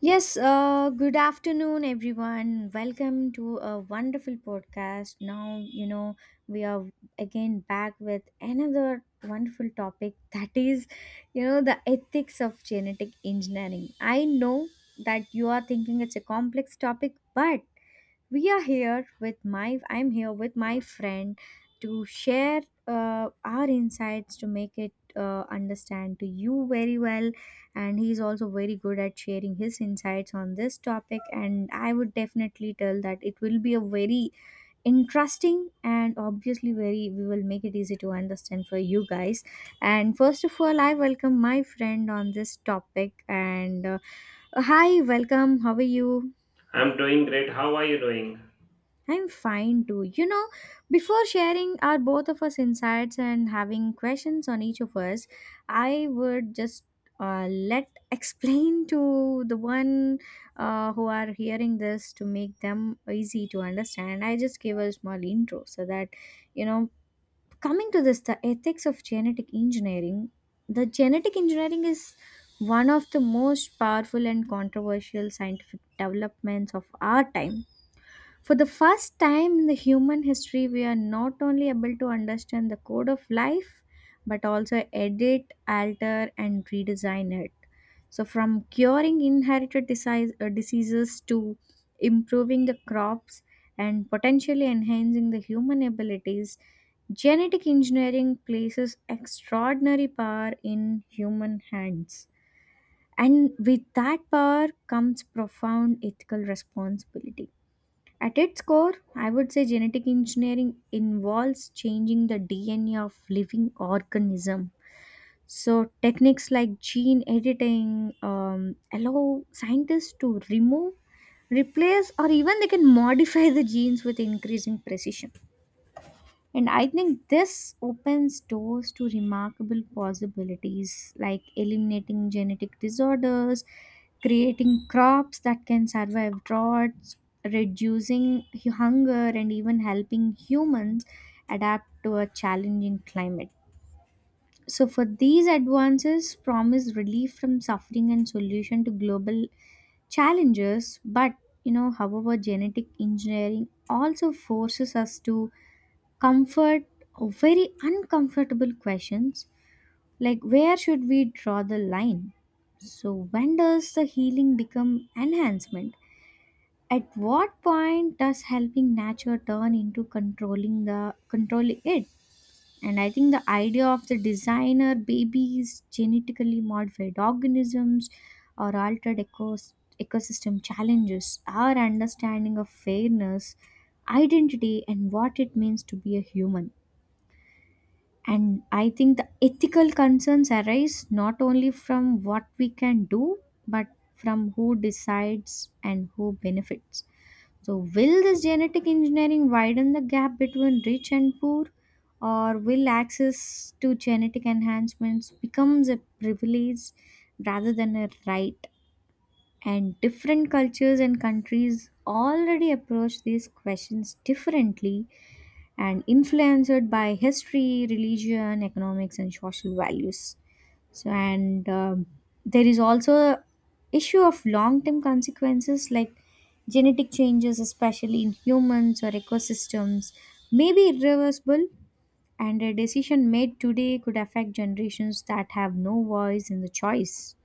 Yes, good afternoon, everyone. Welcome to a wonderful podcast. Now, you know, we are again back with another wonderful topic that is, you know, the ethics of genetic engineering. I know that you are thinking it's a complex topic, but we are here with my I'm here with my friend to share our insights to make it understand to you very well, and he's also very good at sharing his insights on this topic, and I would definitely tell that it will be a very interesting and obviously very we will make it easy to understand for you guys. And first of all, I welcome my friend on this topic. And hi, welcome, how are you? I'm doing great. How are you doing? I'm fine too. You know, before sharing our both of us insights and having questions on each of us, I would just let explain to the one who are hearing this to make them easy to understand. I just gave a small intro so that, you know, coming to this, the ethics of genetic engineering. The genetic engineering is one of the most powerful and controversial scientific developments of our time. For the first time in the human history, we are not only able to understand the code of life, but also edit, alter, and redesign it. So, from curing inherited diseases to improving the crops and potentially enhancing the human abilities, genetic engineering places extraordinary power in human hands. And with that power comes profound ethical responsibility. At its core, I would say genetic engineering involves changing the DNA of living organism. So techniques like gene editing allow scientists to remove, replace, or even they can modify the genes with increasing precision. And I think this opens doors to remarkable possibilities like eliminating genetic disorders, creating crops that can survive droughts, reducing hunger, and even helping humans adapt to a challenging climate. So, for these advances, promise relief from suffering and solution to global challenges. But, you know, however, genetic engineering also forces us to comfort very uncomfortable questions, like where should we draw the line? So when does the healing become enhancement? At what point does helping nature turn into controlling it? And I think the idea of the designer babies, genetically modified organisms, or altered ecosystem challenges our understanding of fairness, identity, and what it means to be a human. And I think the ethical concerns arise not only from what we can do, but from who decides and who benefits. So, will this genetic engineering widen the gap between rich and poor, or will access to genetic enhancements becomes a privilege rather than a right? And different cultures and countries already approach these questions differently, and influenced by history, religion, economics, and social values. So, and there is also issue of long-term consequences, like genetic changes, especially in humans or ecosystems, may be irreversible, and a decision made today could affect generations that have no voice in the choice.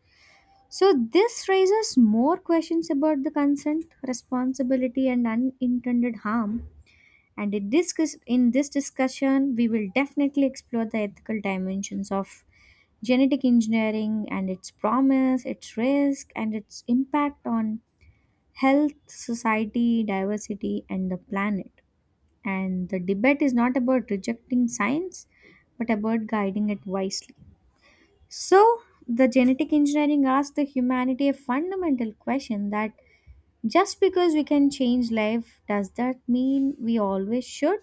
So, this raises more questions about the consent, responsibility, and unintended harm. And in this, in this discussion, we will definitely explore the ethical dimensions of genetic engineering and its promise, its risk, and its impact on health, society, diversity, and the planet. And the debate is not about rejecting science, but about guiding it wisely. So, the genetic engineering asks the humanity a fundamental question, that just because we can change life, does that mean we always should?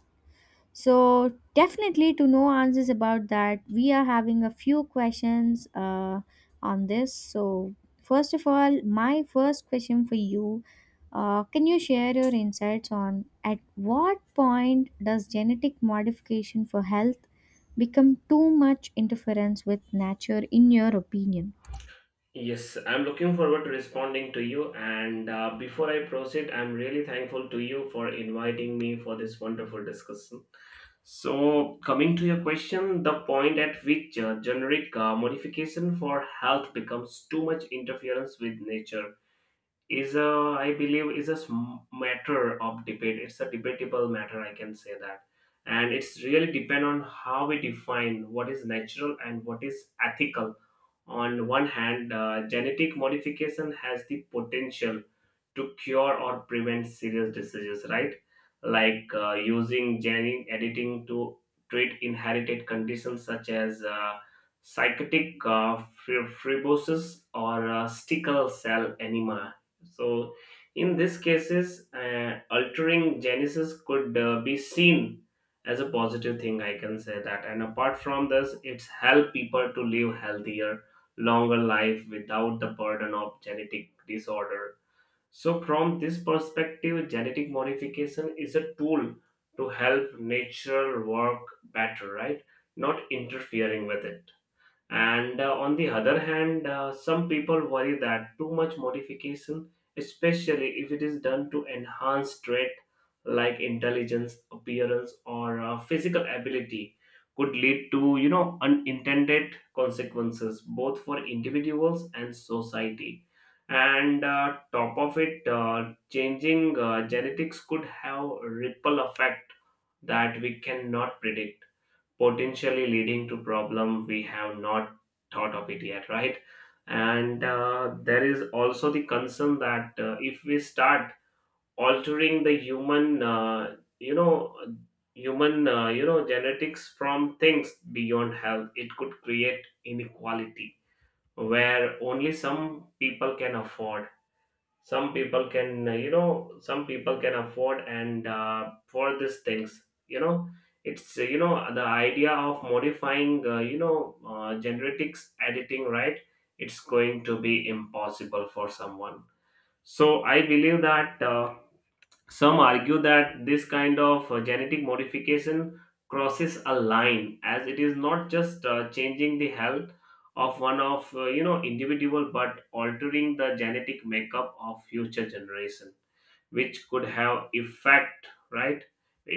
So definitely to know answers about that, we are having a few questions on this. So first of all, my first question for you, can you share your insights on at what point does genetic modification for health become too much interference with nature in your opinion? Yes, I'm looking forward to responding to you. And before I proceed, I'm really thankful to you for inviting me for this wonderful discussion. So, coming to your question, the point at which generic modification for health becomes too much interference with nature is a I believe is a sm- matter of debate. It's a debatable matter, I can say that, and it's really depend on how we define what is natural and what is ethical. On one hand, genetic modification has the potential to cure or prevent serious diseases, right? Like using gene editing to treat inherited conditions such as psychotic fibrosis or sickle cell anemia. So, in these cases, altering genesis could be seen as a positive thing, I can say that. And apart from this, it's help people to live healthier, longer life without the burden of genetic disorder. So, from this perspective, genetic modification is a tool to help nature work better, right? Not interfering with it. And on the other hand, some people worry that too much modification, especially if it is done to enhance trait like intelligence, appearance, or physical ability, could lead to, you know, unintended consequences both for individuals and society. And top of it, changing genetics could have a ripple effect that we cannot predict, potentially leading to problem we have not thought of it yet, right? And there is also the concern that if we start altering the human, human genetics from things beyond health, it could create inequality where only some people can afford, some people can afford. And for these things, you know, it's the idea of modifying, genetics editing, right? It's going to be impossible for someone. So I believe that some argue that this kind of genetic modification crosses a line as it is not just changing the health of one of, individual, but altering the genetic makeup of future generation, which could have effect, right?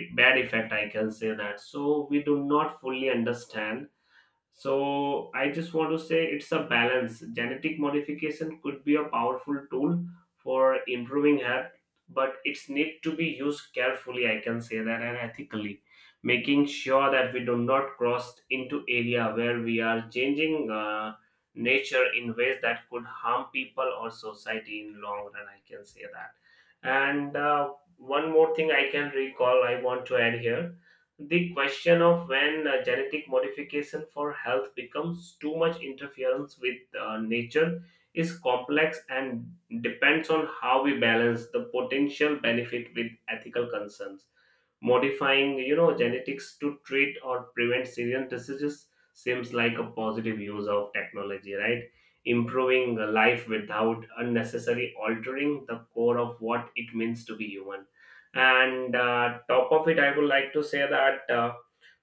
Bad effect, I can say that, so we do not fully understand. So I just want to say it's a balance. Genetic modification could be a powerful tool for improving health, but it's need to be used carefully, I can say that, and ethically, making sure that we do not cross into area where we are changing nature in ways that could harm people or society in long run, I can say that. And one more thing I can recall, I want to add here: the question of when genetic modification for health becomes too much interference with nature is complex and depends on how we balance the potential benefit with ethical concerns. Modifying, you know, genetics to treat or prevent serious diseases seems like a positive use of technology, right? Improving the life without unnecessarily altering the core of what it means to be human. And top of it, I would like to say that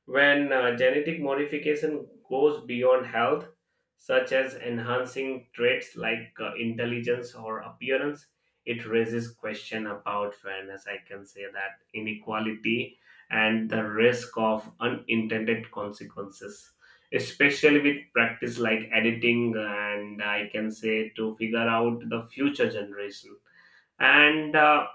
when genetic modification goes beyond health, such as enhancing traits like intelligence or appearance, it raises question about fairness, I can say that, inequality, and the risk of unintended consequences, especially with practice like editing, and I can say to figure out the future generation. And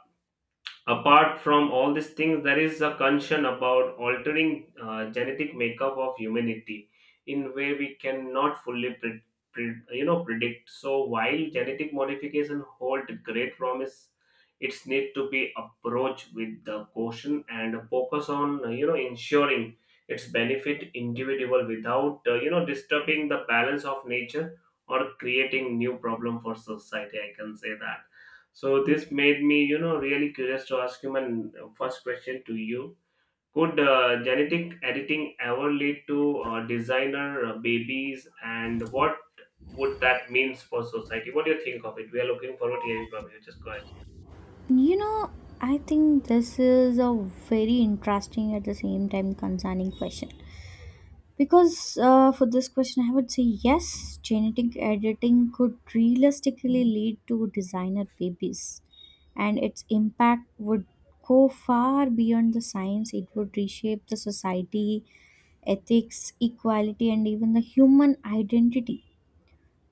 apart from all these things, there is a concern about altering genetic makeup of humanity in way we cannot fully predict. So while genetic modification hold great promise, it's need to be approached with the caution and focus on, ensuring its benefit individual without, disturbing the balance of nature or creating new problem for society, I can say that. So this made me, you know, really curious to ask him an first question to you. Could genetic editing ever lead to designer babies, and what would that means for society? What do you think of it? We are looking forward to hearing from you. Just go ahead. You know, I think this is a very interesting at the same time concerning question. Because for this question, I would say yes, genetic editing could realistically lead to designer babies, and its impact would go far beyond the science. It would reshape the society, ethics, equality, and even the human identity.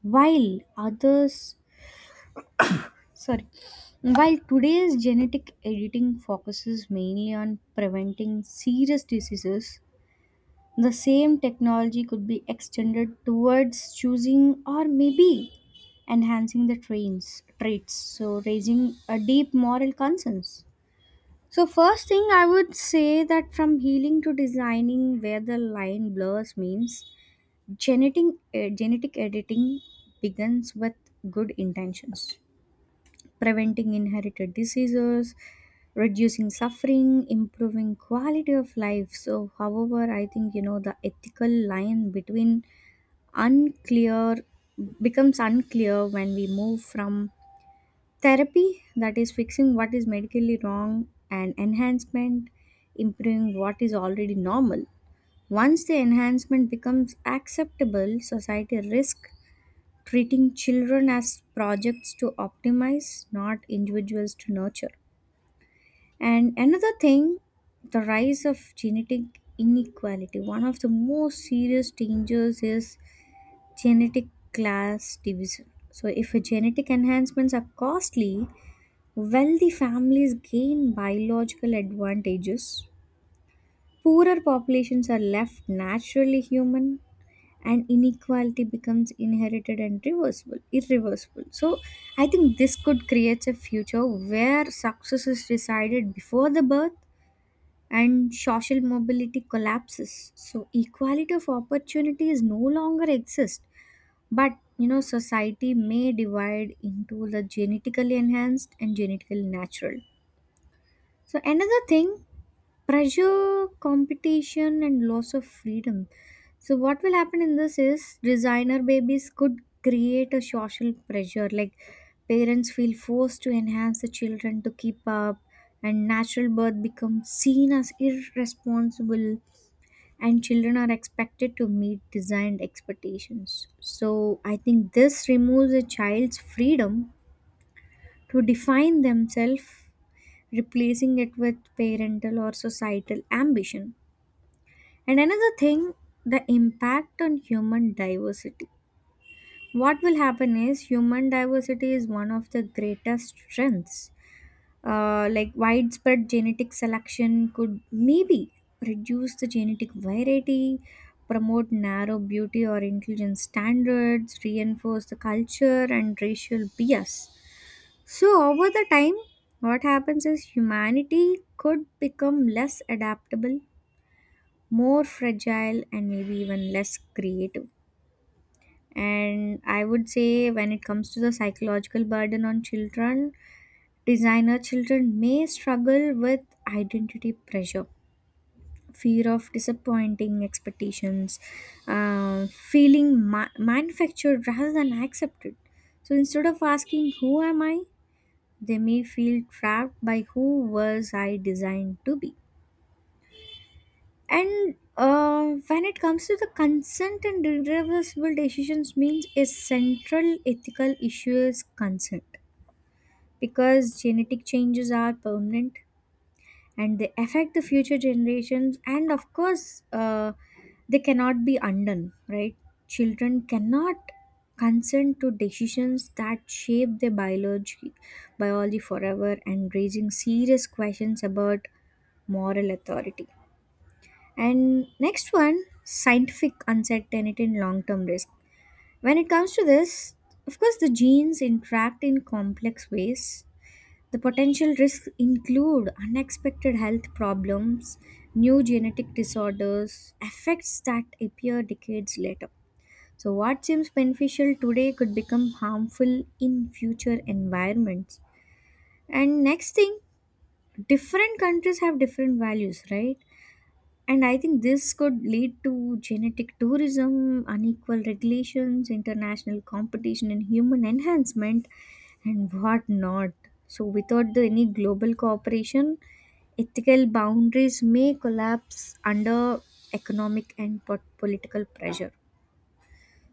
While others, sorry, while today's genetic editing focuses mainly on preventing serious diseases, the same technology could be extended towards choosing or maybe enhancing the trains traits, so raising a deep moral concerns. So first thing I would say that from healing to designing, where the line blurs means genetic genetic editing begins with good intentions: preventing inherited diseases, reducing suffering, improving quality of life. So, however, I think you know the ethical line between unclear becomes unclear when we move from therapy, that is fixing what is medically wrong, and enhancement, improving what is already normal. Once the enhancement becomes acceptable, society risk treating children as projects to optimize, not individuals to nurture. And another thing, the rise of genetic inequality. One of the most serious dangers is genetic class division. So, if genetic enhancements are costly, wealthy families gain biological advantages. Poorer populations are left naturally human, and inequality becomes inherited and reversible irreversible. So I think this could create a future where success is decided before the birth and social mobility collapses, so equality of opportunities no longer exist, but you know society may divide into the genetically enhanced and genetically natural. So another thing, pressure, competition, and loss of freedom. So what will happen in this is designer babies could create a social pressure. Like parents feel forced to enhance the children to keep up, and natural birth becomes seen as irresponsible, and children are expected to meet designed expectations. So I think this removes a child's freedom to define themselves, replacing it with parental or societal ambition. And another thing, the impact on human diversity. What will happen is human diversity is one of the greatest strengths. Like widespread genetic selection could maybe reduce the genetic variety, promote narrow beauty or intelligence standards, reinforce the culture and racial bias. So, over the time, what happens is humanity could become less adaptable, more fragile, and maybe even less creative. And I would say, when it comes to the psychological burden on children, designer children may struggle with identity pressure, fear of disappointing expectations, feeling manufactured rather than accepted. So instead of asking, who am I? They may feel trapped by who was I designed to be. And when it comes to the consent and irreversible decisions means a central ethical issue is consent, because genetic changes are permanent and they affect the future generations, and of course they cannot be undone, right? Children cannot consent to decisions that shape their biology forever, and raising serious questions about moral authority. And next one, scientific uncertainty and long term risk. When it comes to this, of course the genes interact in complex ways. The potential risks include unexpected health problems, new genetic disorders, effects that appear decades later. So, what seems beneficial today could become harmful in future environments. And next thing, different countries have different values, right? And I think this could lead to genetic tourism, unequal regulations, international competition in human enhancement, and what not. So, without the, any global cooperation, ethical boundaries may collapse under economic and political pressure.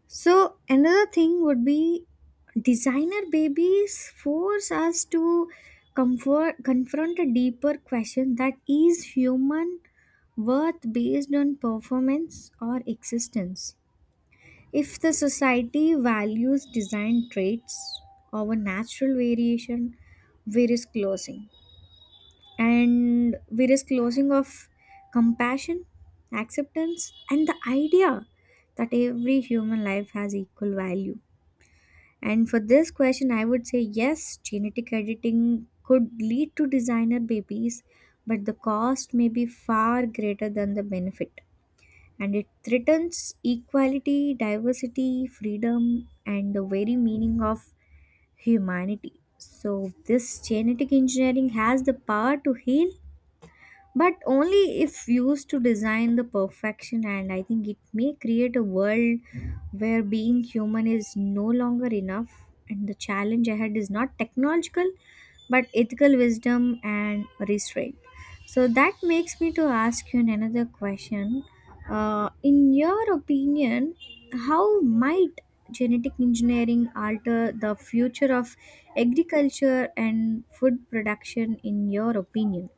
So another thing would be designer babies force us to confront a deeper question, that is human worth based on performance or existence. If the society values design traits over natural variation, we risk closing. And we risk closing of compassion, acceptance, and the idea that every human life has equal value. And for this question, I would say yes, genetic editing could lead to designer babies, but the cost may be far greater than the benefit. And it threatens equality, diversity, freedom, and the very meaning of humanity. So, this genetic engineering has the power to heal, but only if used to design the perfection, and I think it may create a world where being human is no longer enough. And the challenge ahead is not technological but ethical wisdom and restraint. So that makes me to ask you another question. In your opinion, how might genetic engineering alter the future of agriculture and food production in your opinion?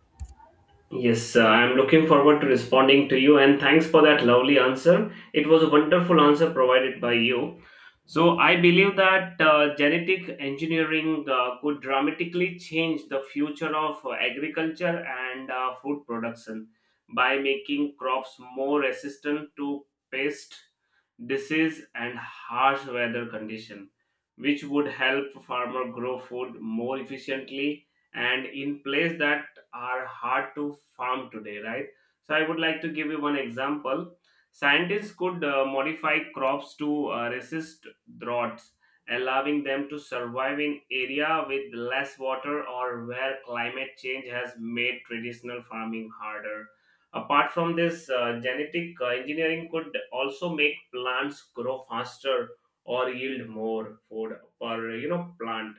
Yes, I'm looking forward to responding to you, and thanks for that lovely answer. It was a wonderful answer provided by you. So, I believe that genetic engineering could dramatically change the future of agriculture and food production by making crops more resistant to pest, disease, and harsh weather condition, which would help farmer grow food more efficiently and in place that are hard to farm today, right? So I would like to give you one example. Scientists could modify crops to resist droughts, allowing them to survive in area with less water or where climate change has made traditional farming harder. Apart from this, genetic engineering could also make plants grow faster or yield more food per, you know, plant,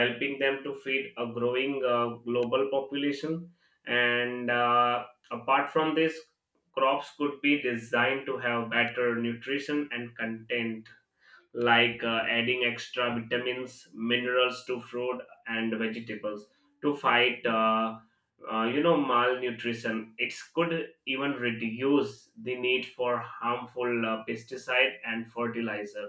helping them to feed a growing global population. And apart from this, crops could be designed to have better nutrition and content, like adding extra vitamins, minerals to fruit and vegetables to fight malnutrition. It could even reduce the need for harmful pesticide and fertilizer,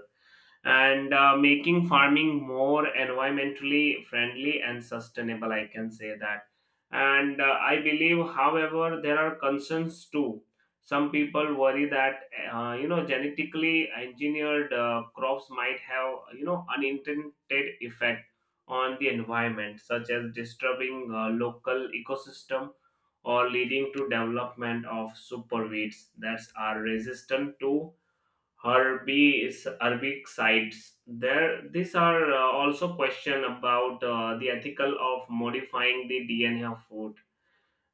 and making farming more environmentally friendly and sustainable, I can say that. And I believe, however, there are concerns too. Some people worry that genetically engineered crops might have, you know, unintended effect on the environment, such as disturbing local ecosystem or leading to development of superweeds that are resistant to herbicides. There, these are also question about the ethical of modifying the DNA of food,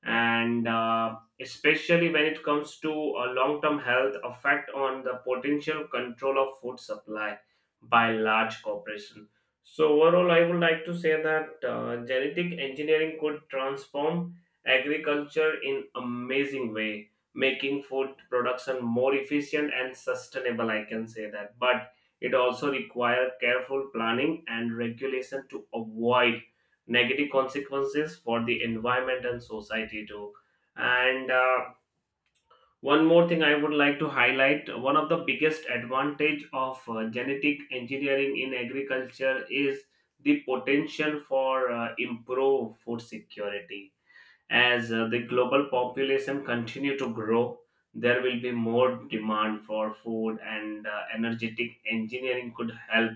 and especially when it comes to a long-term health effect on the potential control of food supply by large corporation. So overall, I would like to say that genetic engineering could transform agriculture in amazing way, making food production more efficient and sustainable, I can say that, but it also requires careful planning and regulation to avoid negative consequences for the environment and society too. And one more thing I would like to highlight: one of the biggest advantage of genetic engineering in agriculture is the potential for improved food security. As the global population continue to grow, there will be more demand for food, and energetic engineering could help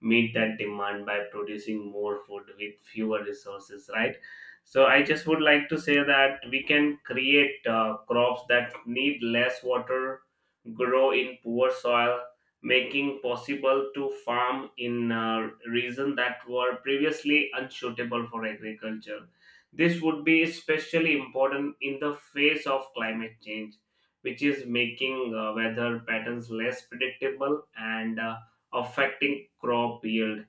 meet that demand by producing more food with fewer resources, right? So I just would like to say that we can create crops that need less water, grow in poor soil, making possible to farm in region that were previously unsuitable for agriculture. This would be especially important in the face of climate change, which is making weather patterns less predictable and affecting crop yield.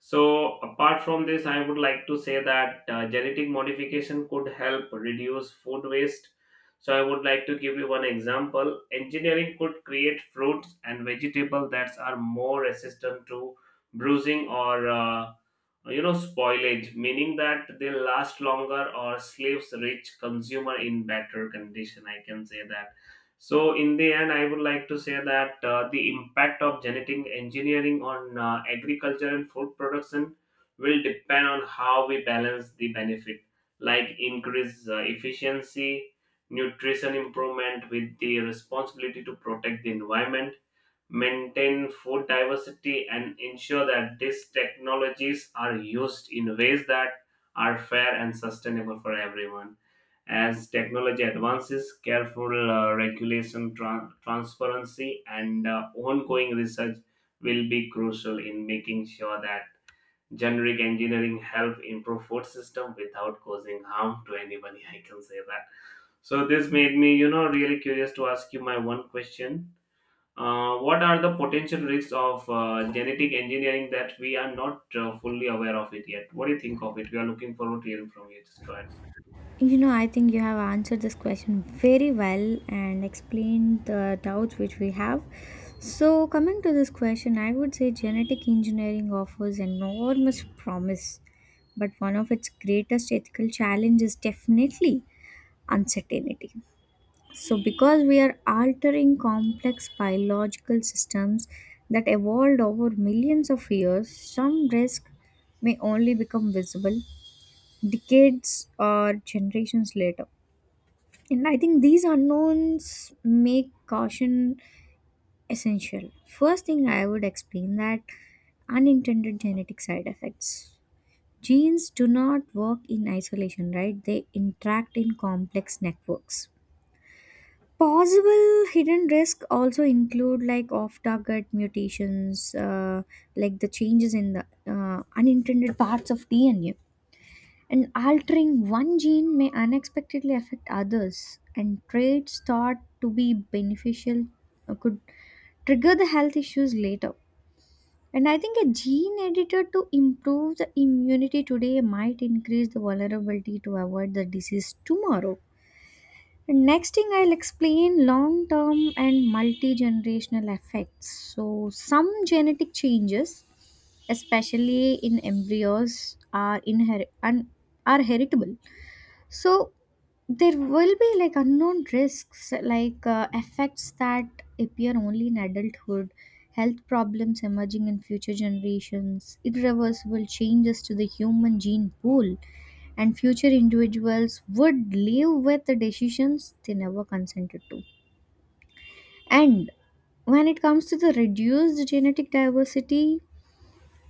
So, apart from this, I would like to say that genetic modification could help reduce food waste. So, I would like to give you one example. Engineering could create fruits and vegetables that are more resistant to bruising or, spoilage, meaning that they last longer or slaves reach consumer in better condition, I can say that. So in the end, I would like to say that the impact of genetic engineering on agriculture and food production will depend on how we balance the benefit like increase efficiency, nutrition improvement with the responsibility to protect the environment, maintain food diversity, and ensure that these technologies are used in ways that are fair and sustainable for everyone. As technology advances, careful regulation, transparency, and ongoing research will be crucial in making sure that generic engineering help improve food system without causing harm to anybody. I can say that. So this made me, you know, really curious to ask you my one question. What are the potential risks of genetic engineering that we are not fully aware of it yet? What do you think of it? We are looking forward to hearing from you. Just go ahead. You know, I think you have answered this question very well and explained the doubts which we have. So, coming to this question, I would say genetic engineering offers enormous promise, but one of its greatest ethical challenges is definitely uncertainty. So, because we are altering complex biological systems that evolved over millions of years, some risk may only become visible decades or generations later, and I think these unknowns make caution essential. First thing I would explain that unintended genetic side effects. Genes do not work in isolation, right? They interact in complex networks. Possible hidden risk also include like off-target mutations, like the changes in the unintended parts of DNA, and altering one gene may unexpectedly affect others, and traits thought to be beneficial could trigger the health issues later. And I think a gene edited to improve the immunity today might increase the vulnerability to avoid the disease tomorrow. And next thing I'll explain long term and multi generational effects. So, some genetic changes, especially in embryos, are, are heritable, so there will be like unknown risks, like effects that appear only in adulthood, health problems emerging in future generations, irreversible changes to the human gene pool, and future individuals would live with the decisions they never consented to. And when it comes to the reduced genetic diversity,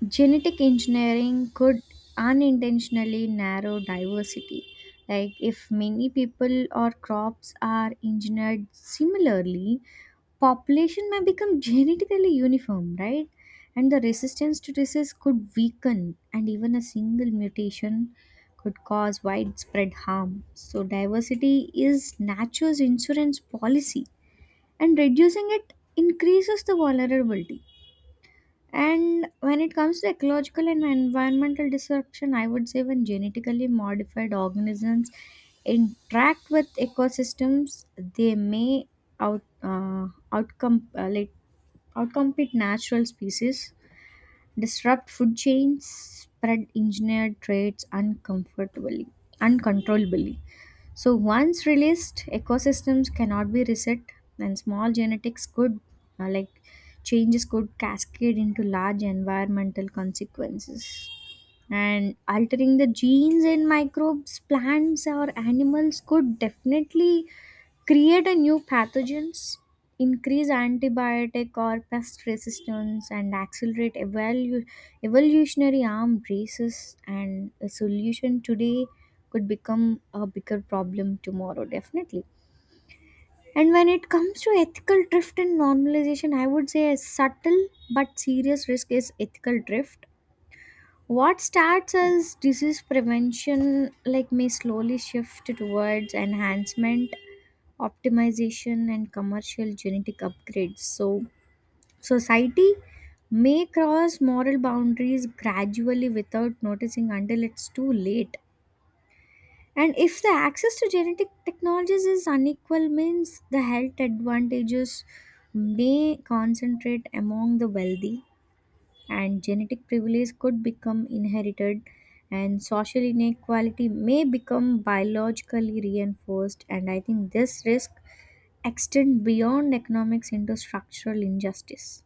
genetic engineering could unintentionally narrow diversity. Like, if many people or crops are engineered similarly, population may become genetically uniform, right? And the resistance to disease could weaken, and even a single mutation could cause widespread harm. So, diversity is nature's insurance policy, and reducing it increases the vulnerability. And when it comes to ecological and environmental disruption, I would say when genetically modified organisms interact with ecosystems, they may out outcome like outcompete natural species, disrupt food chains, spread engineered traits uncomfortably, uncontrollably. So, once released, ecosystems cannot be reset, and small genetics could, uh, like, changes could cascade into large environmental consequences, and altering the genes in microbes, plants, or animals could definitely create a new pathogens, increase antibiotic or pest resistance, and accelerate evolutionary arm races, and a solution today could become a bigger problem tomorrow, definitely. And when it comes to ethical drift and normalization, I would say a subtle but serious risk is ethical drift. What starts as disease prevention like may slowly shift towards enhancement, optimization, and commercial genetic upgrades. So society may cross moral boundaries gradually without noticing until it's too late. And if the access to genetic technologies is unequal means the health advantages may concentrate among the wealthy, and genetic privilege could become inherited, and social inequality may become biologically reinforced, and I think this risk extend beyond economics into structural injustice.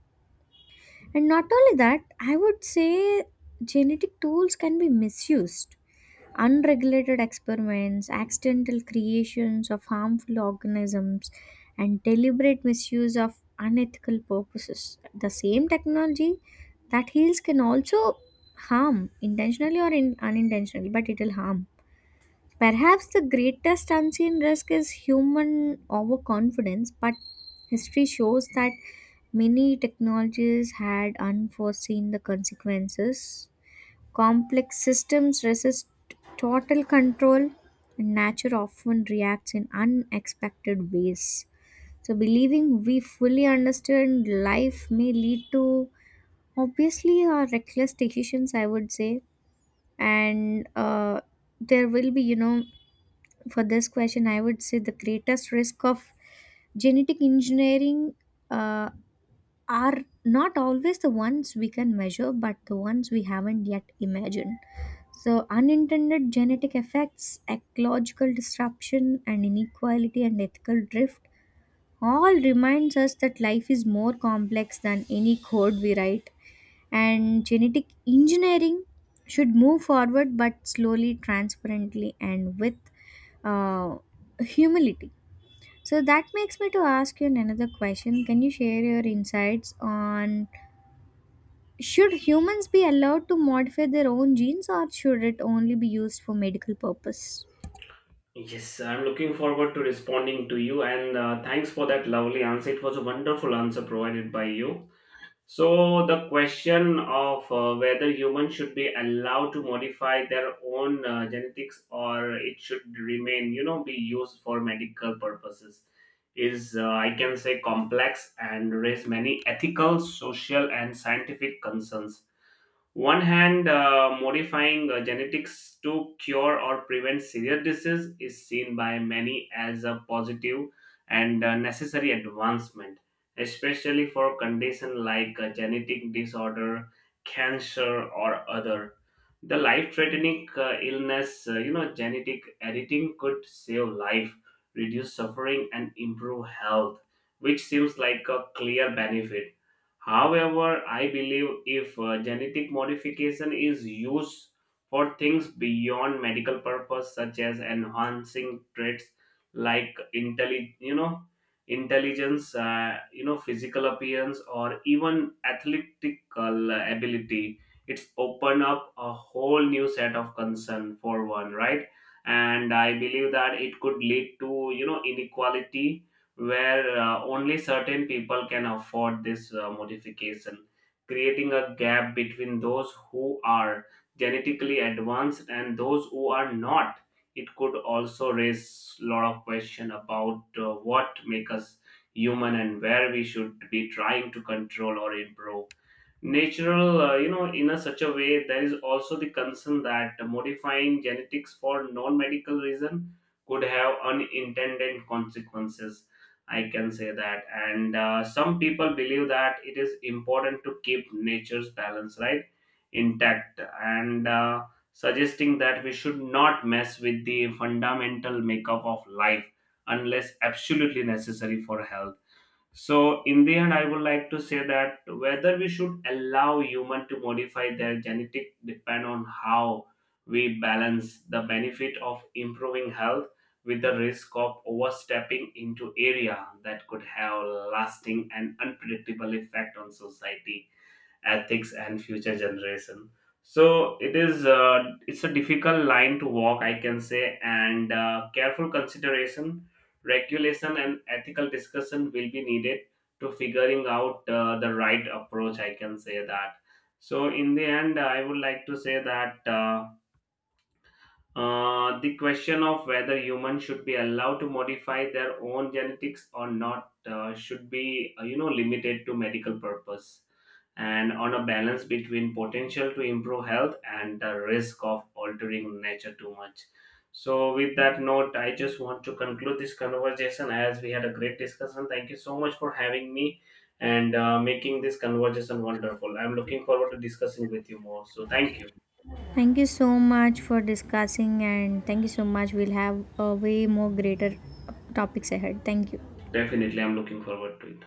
And not only that, I would say genetic tools can be misused. Unregulated experiments, accidental creations of harmful organisms, and deliberate misuse of unethical purposes. The same technology that heals can also harm, intentionally or unintentionally, but it will harm. Perhaps the greatest unseen risk is human overconfidence, but history shows that many technologies had unforeseen the consequences. Complex systems resist total control, and nature often reacts in unexpected ways. So, believing we fully understand life may lead to obviously our reckless decisions, I would say. And there will be, you know, For this question, I would say the greatest risk of genetic engineering uh, are not always the ones we can measure, but the ones we haven't yet imagined. So, unintended genetic effects, ecological disruption, and inequality and ethical drift all reminds us that life is more complex than any code we write, and genetic engineering should move forward, but slowly, transparently, and with uh, humility. So that makes me to ask you another question: can you share your insights on should humans be allowed to modify their own genes, or should it only be used for medical purpose? Yes, I'm looking forward to responding to you, and thanks for that lovely answer. It was a wonderful answer provided by you. So the question of whether humans should be allowed to modify their own genetics or it should remain, you know, be used for medical purposes is, I can say, complex and raise many ethical, social, and scientific concerns. One hand, modifying genetics to cure or prevent serious disease is seen by many as a positive and necessary advancement, especially for conditions like genetic disorder, cancer, or other the life threatening illness. Genetic editing could save life, reduce suffering, and improve health, which seems like a clear benefit. However, I believe if genetic modification is used for things beyond medical purpose, such as enhancing traits like intelligence, physical appearance, or even athletical ability, it's open up a whole new set of concern for one, right? And I believe that it could lead to, you know, inequality where only certain people can afford this modification, creating a gap between those who are genetically advanced and those who are not. It could also raise a lot of question about what makes us human and where we should be trying to control or improve natural, in a such a way. There is also the concern that modifying genetics for non-medical reason could have unintended consequences, I can say that. And some people believe that it is important to keep nature's balance, right, intact, and suggesting that we should not mess with the fundamental makeup of life unless absolutely necessary for health. So, in the end, I would like to say that whether we should allow human to modify their genetic depend on how we balance the benefit of improving health with the risk of overstepping into area that could have lasting and unpredictable effect on society, ethics, and future generation. So it is it's a difficult line to walk, I can say, and careful consideration, regulation, and ethical discussion will be needed to figuring out the right approach, I can say that. So in the end I would like to say that the question of whether humans should be allowed to modify their own genetics or not should be, limited to medical purpose and on a balance between potential to improve health and the risk of altering nature too much. So with that note, I just want to conclude this conversation as we had a great discussion. Thank you so much for having me and making this conversation wonderful. I'm looking forward to discussing with you more, so thank you. Thank you so much for discussing, and thank you so much. We'll have a way more greater topics ahead. Thank you. Definitely, I'm looking forward to it.